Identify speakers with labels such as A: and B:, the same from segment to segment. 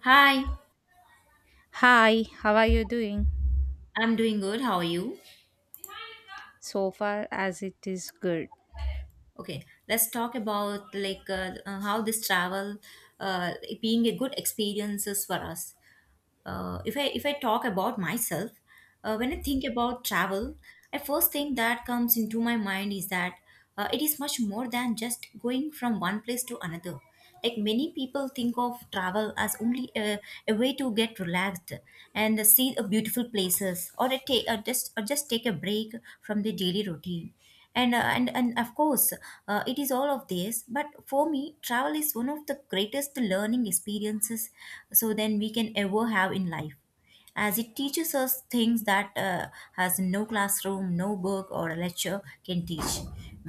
A: Hi,
B: Hi, how are you doing?
A: I'm doing good. How are you?
B: So far, as it is good.
A: Okay, Let's talk about how this travel uh, being a good experiences for us. If I talk about myself, when I think about travel, I first thing that comes into my mind is that it is much more than just going from one place to another. Like many people think of travel as only a way to get relaxed and see the beautiful places, or a ta- or just take a break from the daily routine and of course it is all of this, but for me travel is one of the greatest learning experiences so then we can ever have in life, as it teaches us things that has no classroom, no book, or a lecture can teach.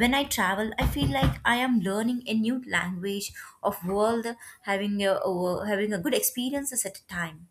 A: When I travel, I feel like I am learning a new language of world, having a good experiences at a time.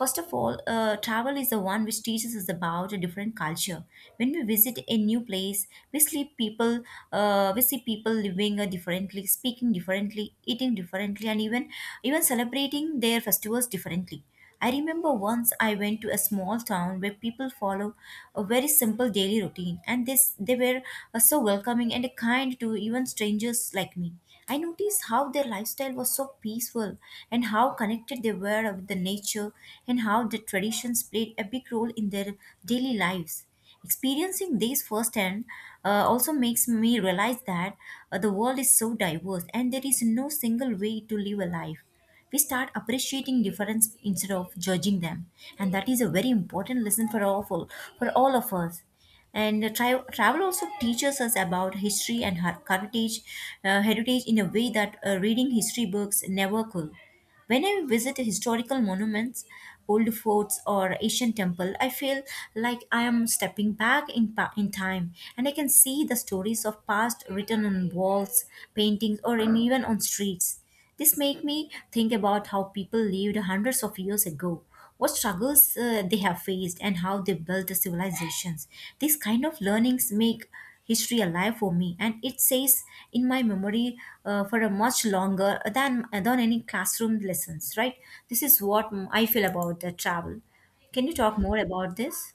A: First of all, travel is the one which teaches us about a different culture. When we visit a new place, we see people living differently, speaking differently, eating differently, and even celebrating their festivals differently. I remember once I went to a small town where people follow a very simple daily routine, and this they were so welcoming and kind to even strangers like me. I noticed how their lifestyle was so peaceful and how connected they were with the nature, and how the traditions played a big role in their daily lives. Experiencing these firsthand also makes me realize that the world is so diverse and there is no single way to live a life. We start appreciating difference instead of judging them, and that is a very important lesson for all of us. Travel also teaches us about history and heritage in a way that reading history books never could. When I visit historical monuments, old forts, or ancient temple, I feel like I am stepping back in time, and I can see the stories of past written on walls, paintings, even on streets. This made me think about how people lived hundreds of years ago, what struggles they have faced, and how they built the civilizations. These kind of learnings make history alive for me, and it stays in my memory for a much longer than any classroom lessons. Right? This is what I feel about the travel. Can you talk more about this?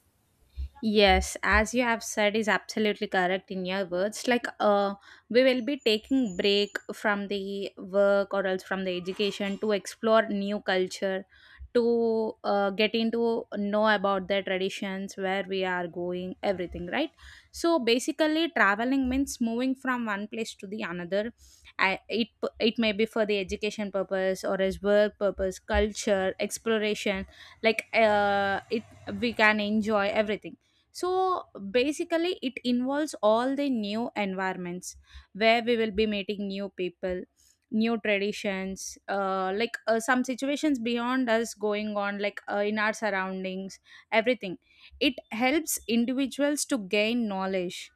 B: Yes, as you have said, is absolutely correct in your words. Like, we will be taking break from the work or else from the education to explore new culture, to get into know about the traditions where we are going, everything, right? So basically, traveling means moving from one place to the another. I, it may be for the education purpose or as work purpose, culture exploration. Like, it we can enjoy everything. So basically it involves all the new environments where we will be meeting new people, new traditions, like some situations beyond us going on, like in our surroundings, everything. It helps individuals to gain knowledge.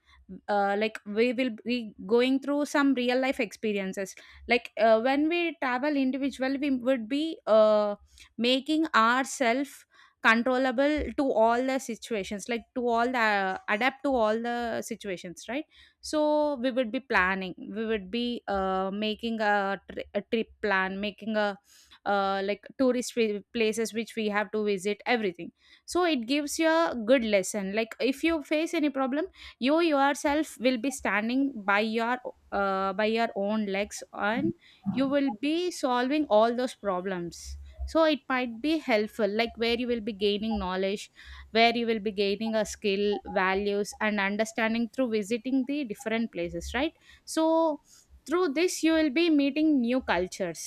B: Like we will be going through some real life experiences. Like, when we travel individually, we would be making ourselves controllable to all the situations, like to all the adapt to all the situations, right? So we would be planning, we would be making a, a trip plan, making a like tourist places which we have to visit, everything. So it gives you a good lesson, like if you face any problem, you yourself will be standing by your by your own legs, and you will be solving all those problems. So it might be helpful, like where you will be gaining knowledge, where you will be gaining a skill, values, and understanding through visiting the different places, right? So through this, you will be meeting new cultures,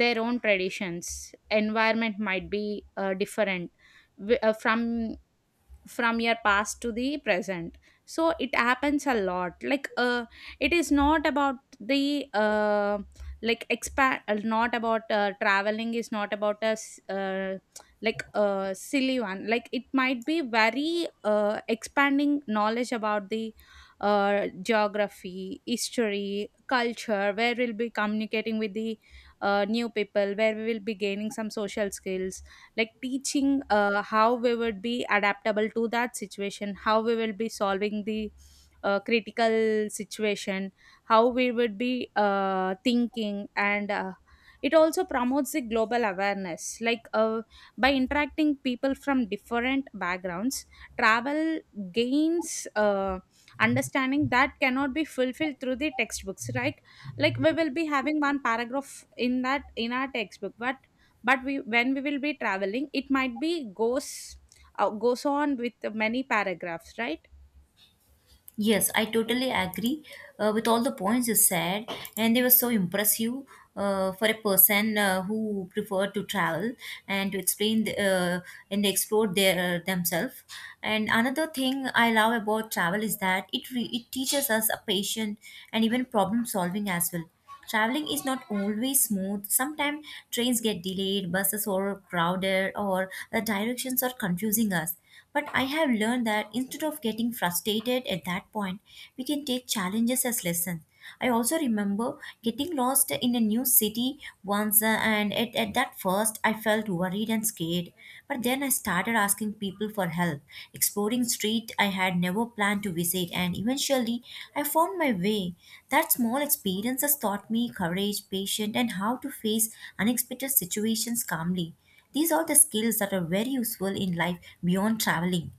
B: their own traditions, environment might be different, from your past to the present. So it happens a lot, like it is not about the like expand, not about traveling is not about a like a silly one, like it might be very expanding knowledge about the geography, history, culture, where we'll be communicating with the new people, where we will be gaining some social skills, like teaching how we would be adaptable to that situation, how we will be solving the critical situation, how we would be thinking, and it also promotes the global awareness, like by interacting people from different backgrounds, travel gains understanding that cannot be fulfilled through the textbooks, right? Like we will be having one paragraph in that in our textbook, but we when we will be traveling, it might be goes goes on with many paragraphs, right?
A: Yes, I totally agree with all the points you said, and they were so impressive for a person who preferred to travel and to explain and explore their themselves. And another thing I love about travel is that it teaches us a patience and even problem solving as well. Traveling is not always smooth. Sometimes trains get delayed, buses are crowded, or the directions are confusing us. But I have learned that instead of getting frustrated at that point, we can take challenges as lessons. I also remember getting lost in a new city once, and at that first, I felt worried and scared, but then I started asking people for help, exploring streets I had never planned to visit, and eventually I found my way. That small experience has taught me courage, patience, and how to face unexpected situations calmly. These are the skills that are very useful in life beyond traveling.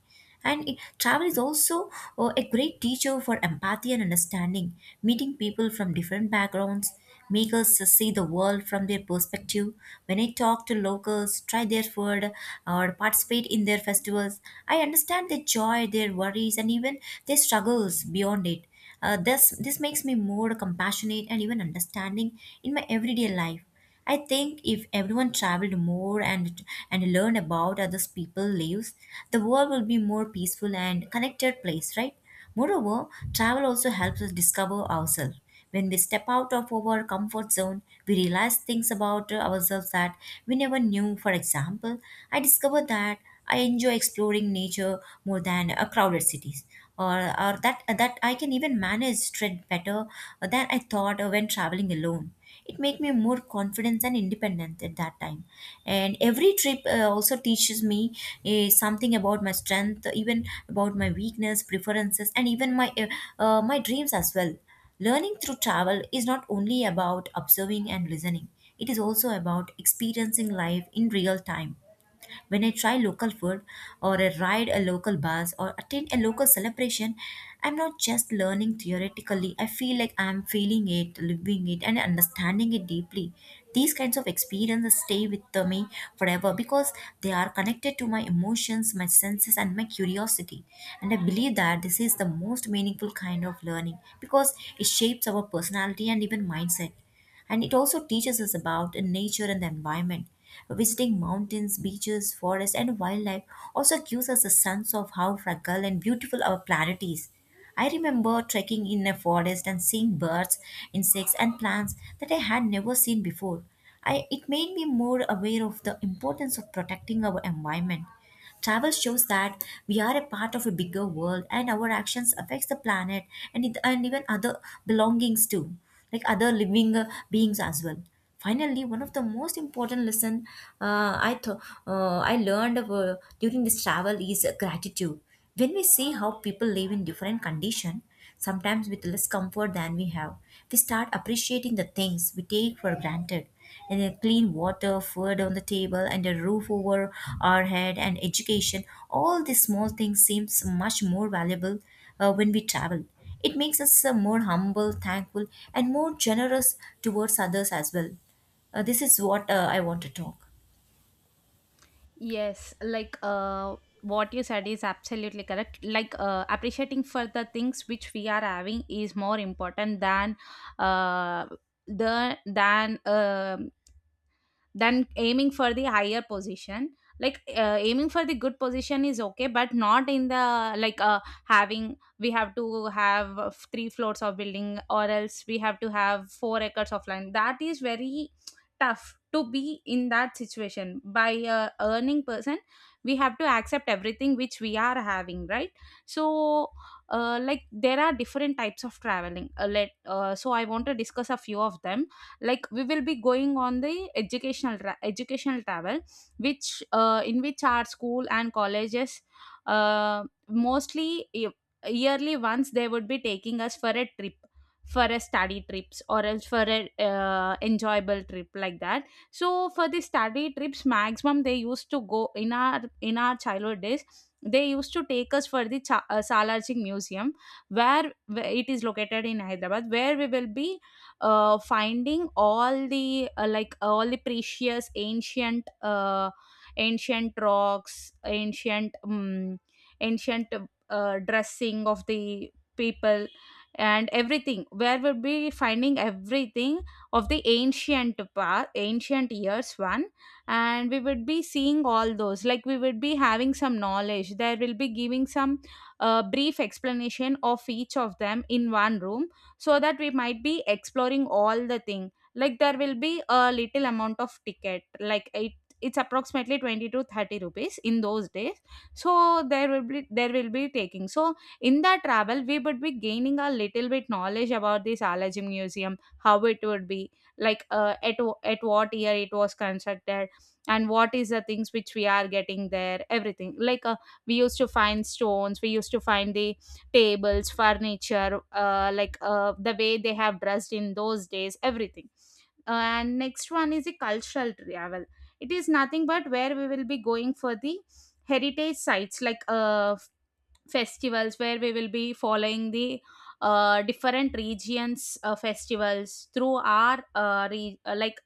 A: And travel is also a great teacher for empathy and understanding. Meeting people from different backgrounds make us see the world from their perspective. When I talk to locals, try their food, or participate in their festivals, I understand their joy, their worries, and even their struggles beyond it. This makes me more compassionate and even understanding in my everyday life. I think if everyone traveled more and learned about others people lives, the world will be more peaceful and connected place, right? Moreover, travel also helps us discover ourselves. When we step out of our comfort zone, we realize things about ourselves that we never knew. For example, I discovered that I enjoy exploring nature more than crowded cities or or that I can even manage stress better than I thought when traveling alone. It made me more confident and independent at that time, and every trip also teaches me something about my strength, even about my weakness, preferences, and even my my dreams as well. Learning through travel is not only about observing and listening; it is also about experiencing life in real time. When I try local food, or I ride a local bus, or attend a local celebration, I'm not just learning theoretically. I feel like I'm feeling it, living it, and understanding it deeply. These kinds of experiences stay with me forever, because they are connected to my emotions, my senses, and my curiosity. And I believe that this is the most meaningful kind of learning because it shapes our personality and even mindset. And it also teaches us about nature and the environment. Visiting mountains, beaches, forests, and wildlife also gives us a sense of how fragile and beautiful our planet is. I remember trekking in a forest and seeing birds, insects, and plants that I had never seen before. It made me more aware of the importance of protecting our environment. Travel shows that we are a part of a bigger world and our actions affects the planet and even other belongings too, like other living beings as well. Finally, one of the most important lesson uh, i th- I learned during this travel is gratitude. When we see how people live in different condition, sometimes with less comfort than we have, we start appreciating the things we take for granted: and a clean water, food on the table, and a roof over our head, and education. All these small things seems much more valuable when we travel. It makes us more humble, thankful, and more generous towards others as well. This is what I want to talk.
B: Yes, like, what you said is absolutely correct. Like, appreciating for the things which we are having is more important than uh, the than aiming for the higher position, like aiming for the good position is okay, but not in the like, having we have to have three floors of building or else we have to have 4 acres of land. That is very tough to be in that situation by a earning person. We have to accept everything which we are having, right? So like, there are different types of traveling, let, so I want to discuss a few of them, like we will be going on the educational educational travel, which in which our school and colleges, uh, mostly yearly, once they would be taking us for a trip, for a study trips or else for a enjoyable trip like that. So for the study trips, maximum they used to go in our childhood days. They used to take us for the Salarjing Museum, where it is located in Hyderabad, where we will be finding all the like all the precious ancient, ancient rocks, ancient, ancient dressing of the people and everything, where we'll be finding everything of the ancient part, ancient years one. And we would be seeing all those, like we would be having some knowledge, there will be giving some brief explanation of each of them in one room, so that we might be exploring all the thing. Like, there will be a little amount of ticket, like it's approximately 20 to 30 rupees in those days. So there will be taking. So in that travel, we would be gaining a little bit knowledge about this allergy museum, how it would be, like at what year it was constructed and what is the things which we are getting there, everything, like we used to find stones, we used to find the tables, furniture, like the way they have dressed in those days, everything. And next one is a cultural travel. It is nothing but where we will be going for the heritage sites, like festivals, where we will be following the different regions festivals through our like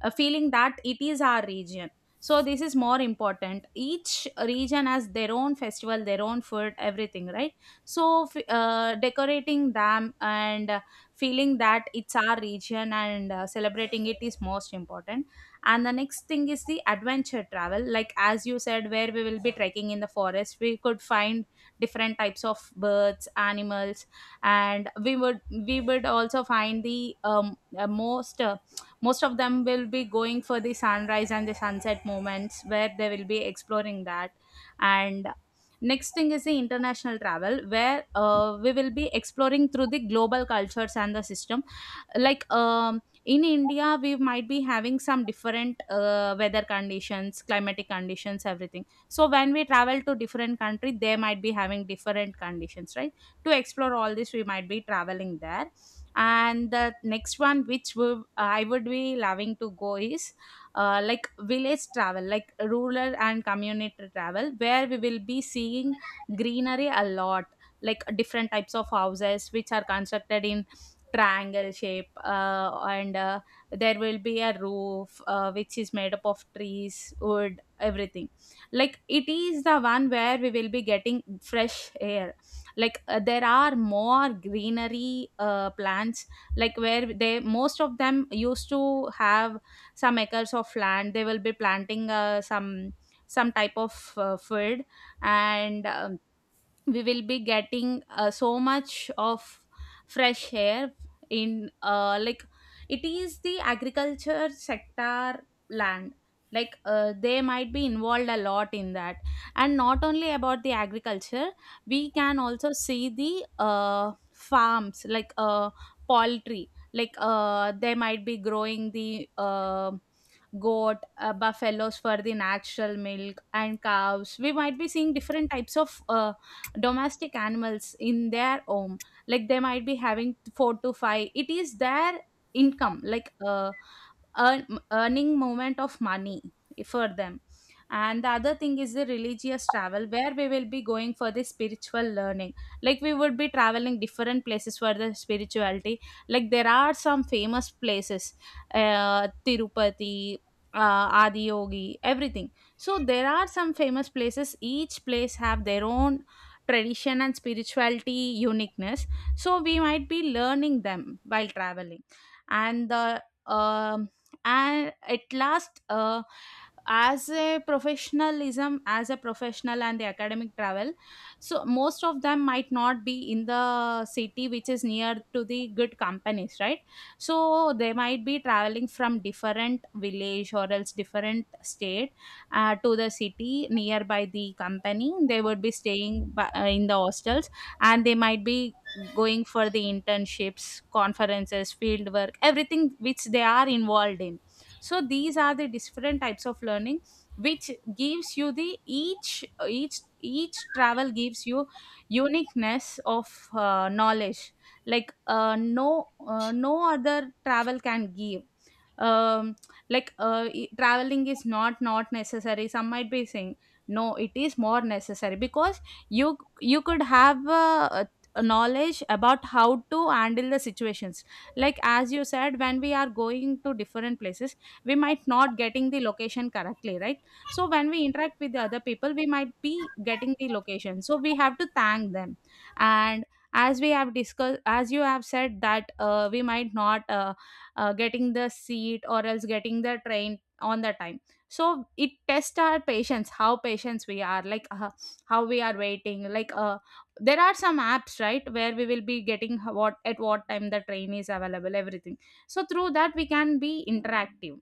B: feeling that it is our region. So this is more important, each region has their own festival, their own food, everything, right? So decorating them, and feeling that it's our region, and celebrating it is most important. And the next thing is the adventure travel, like as you said, where we will be trekking in the forest, we could find different types of birds, animals. And we would also find the most, most of them will be going for the sunrise and the sunset moments, where they will be exploring that. And next thing is the international travel, where we will be exploring through the global cultures and the system, like in India, we might be having some different weather conditions, climatic conditions, everything. So when we travel to different country, they might be having different conditions, right? To explore all this, we might be traveling there. And the next one which we, I would be loving to go is, like village travel, like rural and community travel, where we will be seeing greenery a lot, like different types of houses which are constructed in triangle shape, and there will be a roof which is made up of trees, wood, everything. Like, it is the one where we will be getting fresh air, like there are more greenery, plants, like where they most of them used to have some acres of land, they will be planting some type of food. And we will be getting so much of fresh air in like it is the agriculture sector land, like they might be involved a lot in that. And not only about the agriculture, we can also see the farms, like poultry, like they might be growing the goat, buffaloes for the natural milk and cows. We might be seeing different types of domestic animals in their home, like they might be having 4 to 5, it is their income, like earning moment of money for them. And the other thing is the religious travel, where we will be going for the spiritual learning. Like, we would be traveling different places for the spirituality, like there are some famous places, Tirupati, Adiyogi, everything. So there are some famous places, each place have their own tradition and spirituality uniqueness. So we might be learning them while traveling. And the and at last, as a professionalism, as a professional and the academic travel. So most of them might not be in the city which is near to the good companies, right? So they might be traveling from different village or else different state, to the city nearby the company. They would be staying by, in the hostels, and they might be going for the internships, conferences, field work, everything which they are involved in. So these are the different types of learning which gives you the each travel gives you uniqueness of knowledge, like no other travel can give. um Traveling is not necessary, some might be saying. No, it is more necessary because you could have a knowledge about how to handle the situations, like as you said, when we are going to different places, we might not getting the location correctly, right? So when we interact with the other people, we might be getting the location, so we have to thank them. And as we have discussed, as you have said that we might not getting the seat or else getting the train on the time, so it tests our patience, how patients we are, like how we are waiting, like there are some apps, right, where we will be getting what at what time the train is available, everything. So through that we can be interactive.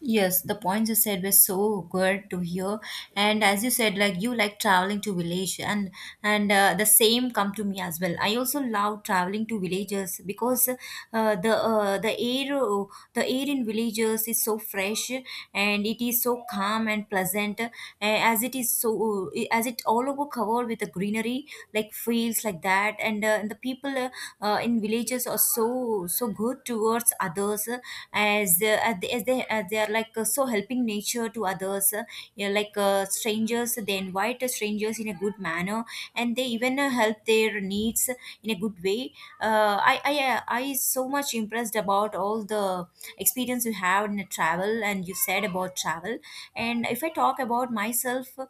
A: Yes, the points you said were so good to hear. And as you said, like you like traveling to village, and the same come to me as well. I also love traveling to villages because the air in villages is so fresh, and it is so calm and pleasant, eh, as it is so as it all over covered with the greenery like fields like that, and and the people in villages are so so good towards others, as as they are so helping nature to others, yeah, strangers, they invite the strangers in a good manner, and they even help their needs in a good way. I so much impressed about all the experience you have in a travel and you said about travel. And if I talk about myself, uh,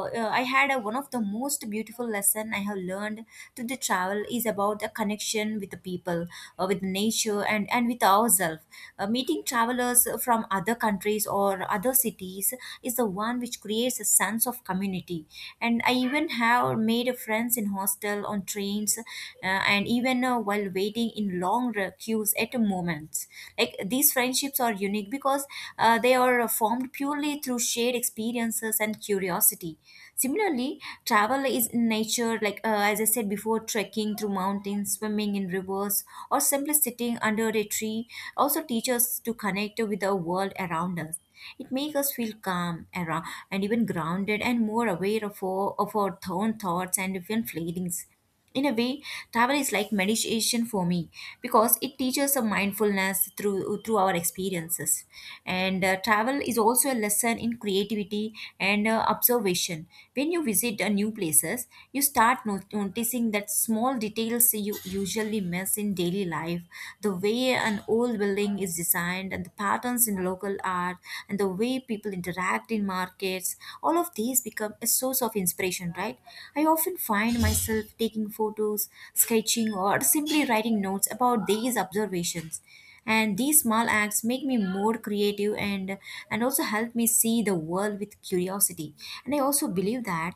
A: uh, i had a, one of the most beautiful lesson I have learned through the travel is about the connection with the people, with nature, and with ourselves. Meeting travelers from other countries or other cities is the one which creates a sense of community. And I even have made friends in hostel, on trains, and even while waiting in long queues at moments. Like these friendships are unique because they are formed purely through shared experiences and curiosity. Similarly, travel is in nature, like as I said before, trekking through mountains, swimming in rivers, or simply sitting under a tree also teach us to connect with the world around us. It makes us feel calm around, and even grounded and more aware of of our own thoughts and even feelings. In a way, travel is like meditation for me because it teaches a mindfulness through our experiences. And travel is also a lesson in creativity and observation. When you visit new places, you start noticing that small details you usually miss in daily life. The way an old building is designed, and the patterns in local art, and the way people interact in markets. All of these become a source of inspiration connection, right? I often find myself taking photos, sketching, or simply writing notes about these observations. And these small acts make me more creative, and also help me see the world with curiosity. And I also believe that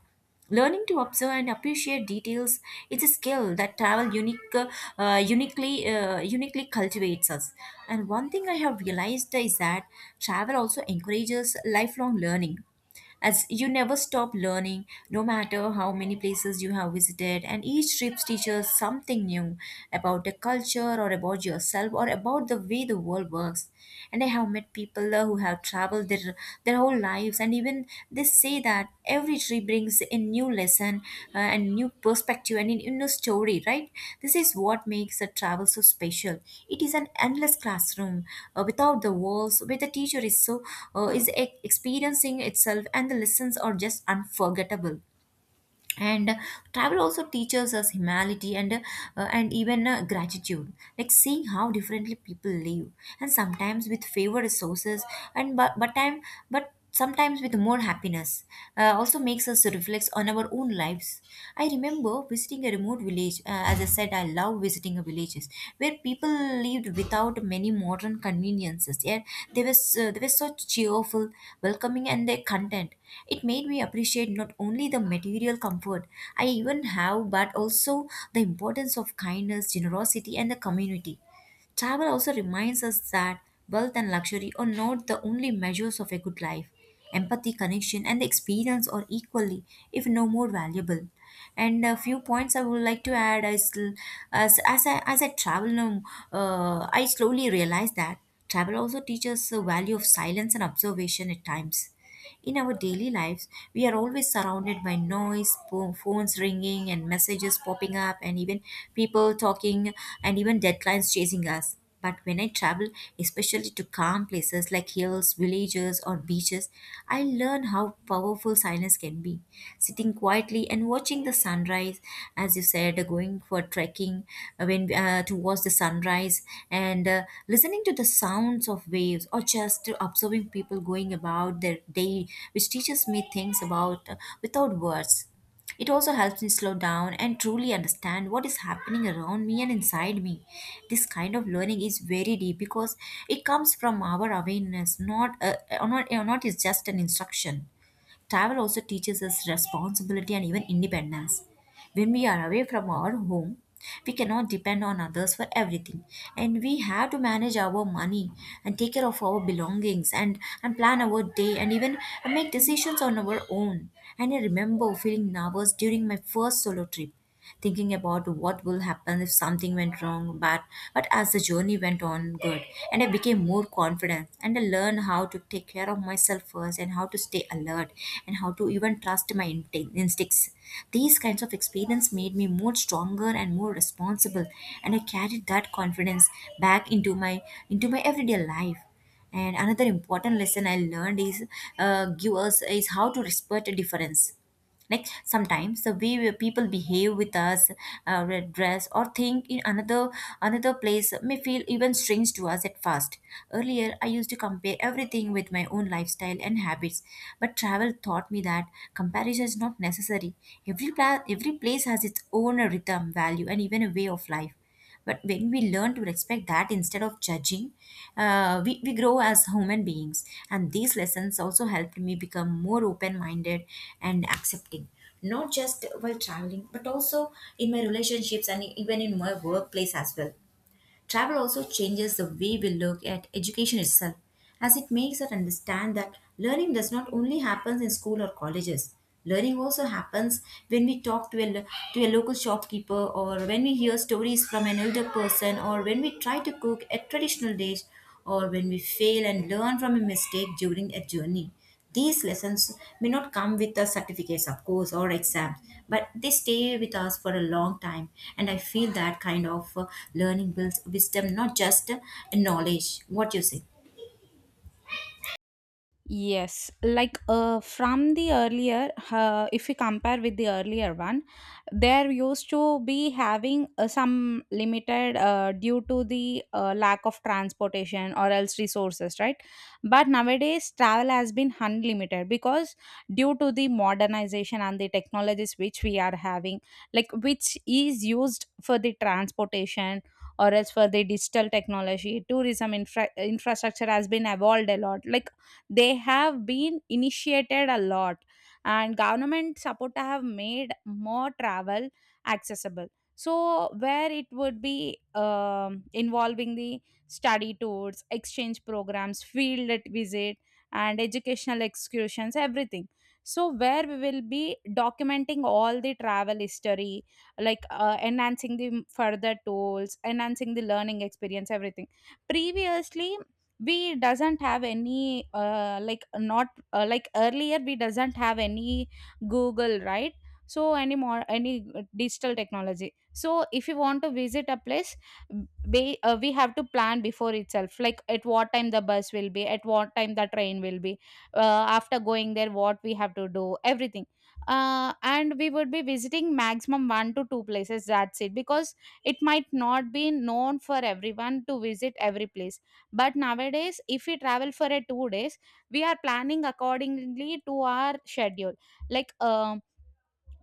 A: learning to observe and appreciate details is a skill that travel uniquely cultivates us. And one thing I have realized is that travel also encourages lifelong learning, as you never stop learning no matter how many places you have visited, and each trip teaches something new about the culture, or about yourself, or about the way the world works. And I have met people who have traveled their whole lives, and even they say that every tree brings a new lesson, and new perspective, and a new story, right? This is what makes a travel so special. It is an endless classroom without the walls, where the teacher is experiencing itself, and the lessons are just unforgettable. And Travel also teaches us humility and even gratitude, like seeing how differently people live, and sometimes with fewer resources, and but time but sometimes with more happiness, also makes us reflect on our own lives. I remember visiting a remote village, as I said, I love visiting a villages where people lived without many modern conveniences. Yet they were so cheerful, welcoming, and they content. It made me appreciate not only the material comfort I even have, but also the importance of kindness, generosity, and the community. Travel also reminds us that wealth and luxury are not the only measures of a good life. Empathy, connection, and the experience are equally, if no more, valuable. And a few points I would like to add is as I travel now, I slowly realize that travel also teaches the value of silence and observation at times. In our daily lives, we are always surrounded by noise, phones ringing, and messages popping up, and even people talking, and even deadlines chasing us. But when I travel, especially to calm places like hills, villages, or beaches, I learn how powerful silence can be. Sitting quietly and watching the sunrise, as you said, going for trekking when to watch the sunrise, and listening to the sounds of waves, or just observing people going about their day, which teaches me things about, without words. It also helps me slow down and truly understand what is happening around me and inside me. This kind of learning is very deep because it comes from our awareness, not is just an instruction. Travel also teaches us responsibility and even independence. When we are away from our home, we cannot depend on others for everything, and we have to manage our money, and take care of our belongings, and plan our day, and even make decisions on our own. And I remember feeling nervous during my first solo trip, thinking about what will happen if something went wrong. But as the journey went on good, and I became more confident, and I learned how to take care of myself first, and how to stay alert, and how to even trust my instincts. These kinds of experience made me more stronger and more responsible, and I carried that confidence back into my everyday life. And another important lesson I learned is give us is how to respect a difference. Like sometimes the way people behave with us, red dress, or think in another another place may feel even strange to us at first. Earlier I used to compare everything with my own lifestyle and habits, but travel taught me that comparison is not necessary. Every place has its own rhythm, value, and even a way of life. But when we learn to respect that instead of judging, we grow as human beings. And these lessons also helped me become more open minded and accepting, not just while traveling, but also in my relationships and even in my workplace as well. Travel also changes the way we look at education itself, as it makes us understand that learning does not only happen in school or colleges. Learning also happens when we talk to a, lo- to a local shopkeeper, or when we hear stories from an elder person, or when we try to cook a traditional dish, or when we fail and learn from a mistake during a journey. These lessons may not come with the certificates, of course, or exams, but they stay with us for a long time. And I feel that kind of learning builds wisdom, not just knowledge. What you say?
B: Yes, like from the earlier, if you compare with the earlier one, there used to be having some limited due to the lack of transportation or else resources, right? But nowadays, travel has been unlimited because due to the modernization and the technologies which we are having, like which is used for the transportation or else for the digital technology, tourism infrastructure has been evolved a lot, like they have been initiated a lot, and government support have made more travel accessible. So where it would be involving the study tours, exchange programs, field visit, and educational excursions, everything. So where we will be documenting all the travel history, like enhancing the further tools, enhancing the learning experience, everything. Previously we doesn't have any like not like earlier we doesn't have any google, right? So any more, any digital technology. So if you want to visit a place, we have to plan before itself, like at what time the bus will be, at what time the train will be, uh, after going there what we have to do, everything. And we would be visiting maximum one to two places, that's it, because it might not be known for everyone to visit every place. But nowadays, if we travel for a 2 days, we are planning accordingly to our schedule. Like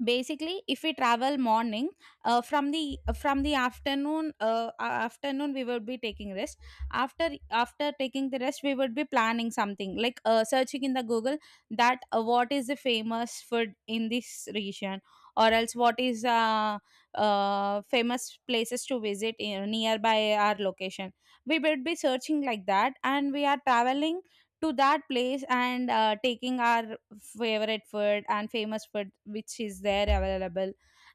B: basically if we travel morning from the afternoon we would be taking rest. After taking the rest, we would be planning something like searching in the google that what is the famous food in this region, or else what is famous places to visit in, nearby our location. We would be searching like that, and we are traveling to that place, and taking our favorite food and famous food which is there available,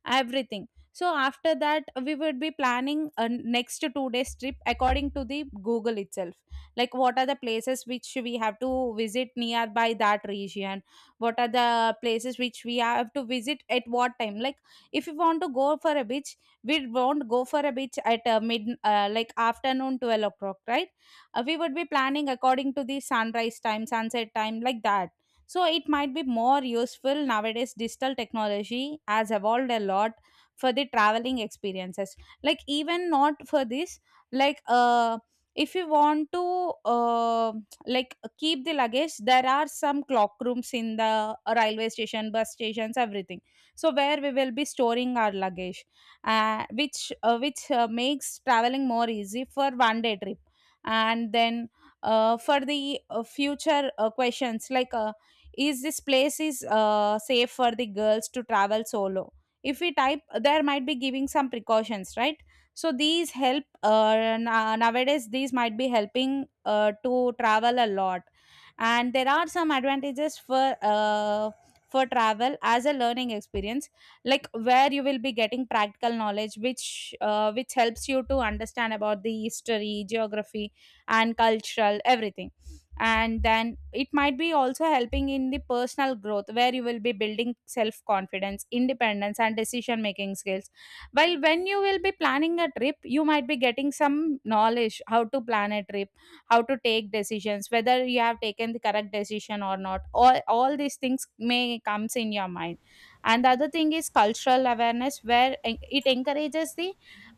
B: everything. So after that we would be planning a next 2 days trip according to the google itself, like what are the places which we have to visit nearby that region, what are the places which we have to visit at what time. Like if you want to go for a beach, we won't go for a beach at mid like afternoon 12 o'clock, right? We would be planning according to the sunrise time, sunset time, like that. So it might be more useful. Nowadays digital technology has evolved a lot for the traveling experiences. Like even not for this, like if you want to like keep the luggage, there are some clock rooms in the railway station, bus stations, everything. So where we will be storing our luggage, which makes traveling more easy for 1 day trip. And then for the future questions like is this place is safe for the girls to travel solo, if we type, there might be giving some precautions, right? So these help nowadays, these might be helping to travel a lot. And there are some advantages for travel as a learning experience, like where you will be getting practical knowledge which helps you to understand about the history, geography, and cultural, everything. And then it might be also helping in the personal growth, where you will be building self confidence, independence, and decision making skills. While when you will be planning a trip, you might be getting some knowledge how to plan a trip, how to take decisions, whether you have taken the correct decision or not. All these things may comes in your mind. And the other thing is cultural awareness, where it encourages the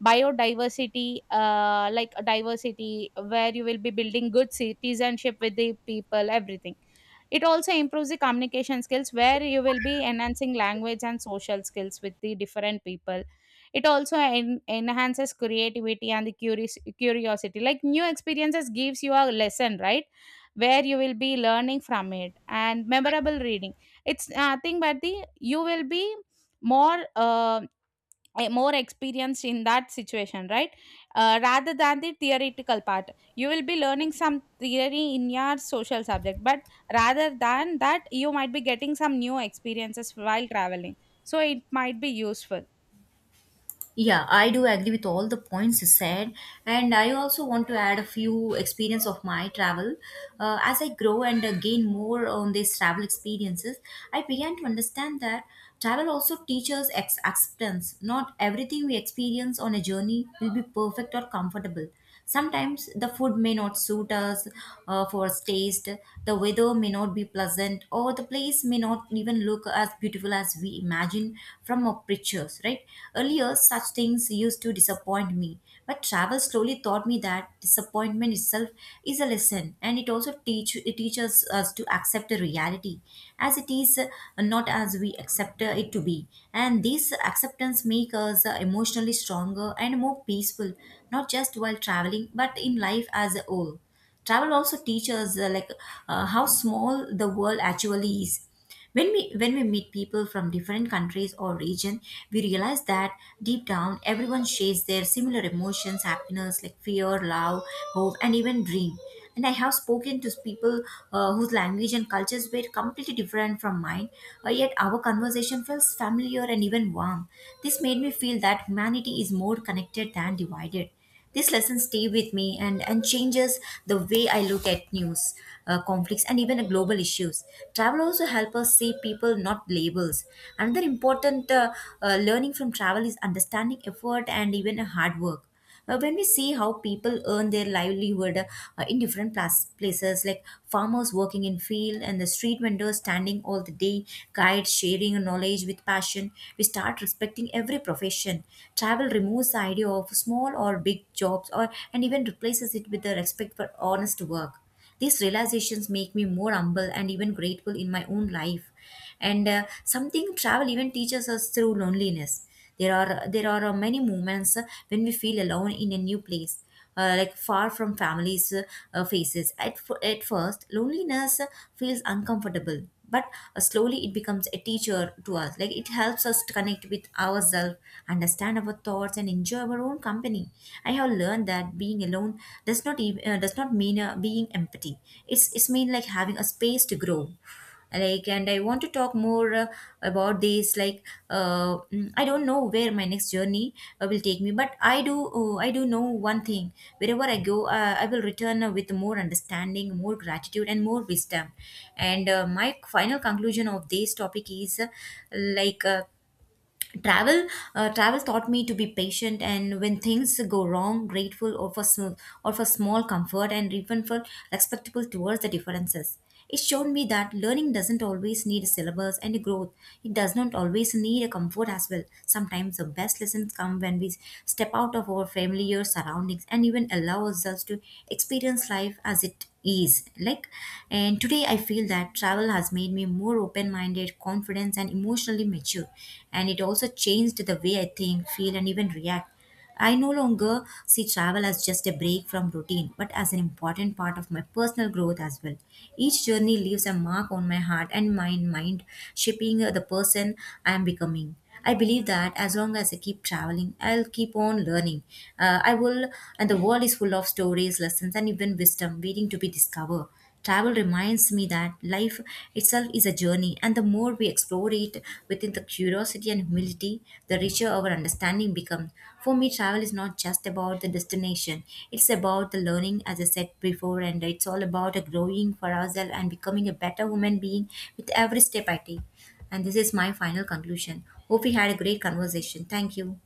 B: biodiversity, like diversity, where you will be building good citizenship with the people, everything. It also improves the communication skills, where you will be enhancing language and social skills with the different people. It also enhances creativity and the curiosity, like new experiences gives you a lesson, right, where you will be learning from it. And memorable reading, it's nothing but the you will be more more experienced in that situation, right? Rather than the theoretical part, you will be learning some theory in your social subject, but rather than that, you might be getting some new experiences while traveling. So it might be useful.
A: Yeah, I do agree with all the points you said, and I also want to add a few experience of my travel. As I grow and gain more on these travel experiences, I began to understand that travel also teaches acceptance. Not everything we experience on a journey will be perfect or comfortable. Sometimes the food may not suit us, for its taste, the weather may not be pleasant, or the place may not even look as beautiful as we imagine from our pictures, right? Earlier, such things used to disappoint me, but travel slowly taught me that disappointment itself is a lesson, and it also teaches us to accept the reality as it is, not as we accept it to be. And this acceptance makes us emotionally stronger and more peaceful, not just while traveling, but in life as a whole. Travel also teaches, how small the world actually is. When we meet people from different countries or region, we realize that deep down everyone shares their similar emotions: happiness, like fear, love, hope, and even dream. And I have spoken to people whose language and cultures were completely different from mine. Yet our conversation felt familiar and even warm. This made me feel that humanity is more connected than divided. These lessons stay with me, and changes the way I look at news, conflicts, and even global issues. Travel also help us see people, not labels. Another important learning from travel is understanding effort and even hard work. When we see how people earn their livelihood in different places, like farmers working in field, and the street vendors standing all the day, guides sharing knowledge with passion, we start respecting every profession. Travel removes the idea of small or big jobs, or and even replaces it with the respect for honest work. These realizations make me more humble and even grateful in my own life. And something travel even teaches us through loneliness. There are many moments, when we feel alone in a new place, like far from family's faces. At first, loneliness feels uncomfortable, but slowly it becomes a teacher to us. Like it helps us to connect with ourselves, understand our thoughts, and enjoy our own company. I have learned that being alone does not mean being empty. It's mean like having a space to grow. Like, and I want to talk more about this like mm, I don't know where my next journey will take me, but I do know one thing: wherever I go, I will return with more understanding, more gratitude, and more wisdom. And my final conclusion of this topic is, like uh, travel travel taught me to be patient, and when things go wrong, grateful or for small comfort, and even for respectable towards the differences. It showed me that learning doesn't always need syllabus, and growth, it does not always need a comfort as well. Sometimes the best lessons come when we step out of our familiar surroundings, and even allow ourselves to experience life as it is. Like, and today I feel that travel has made me more open minded, confident, and emotionally mature. And it also changed the way I think, feel, and even react. I no longer see travel as just a break from routine, but as an important part of my personal growth as well. Each journey leaves a mark on my heart and my mind, shaping the person I am becoming. I believe that as long as I keep traveling, I'll keep on learning. I will, and the world is full of stories, lessons, and even wisdom waiting to be discovered. Travel reminds me that life itself is a journey, and the more we explore it within the curiosity and humility, the richer our understanding becomes. For me, travel is not just about the destination, it's about the learning, as I said before, and it's all about a growing for ourselves and becoming a better human being with every step I take. And this is my final conclusion. Hope we had a great conversation. Thank you.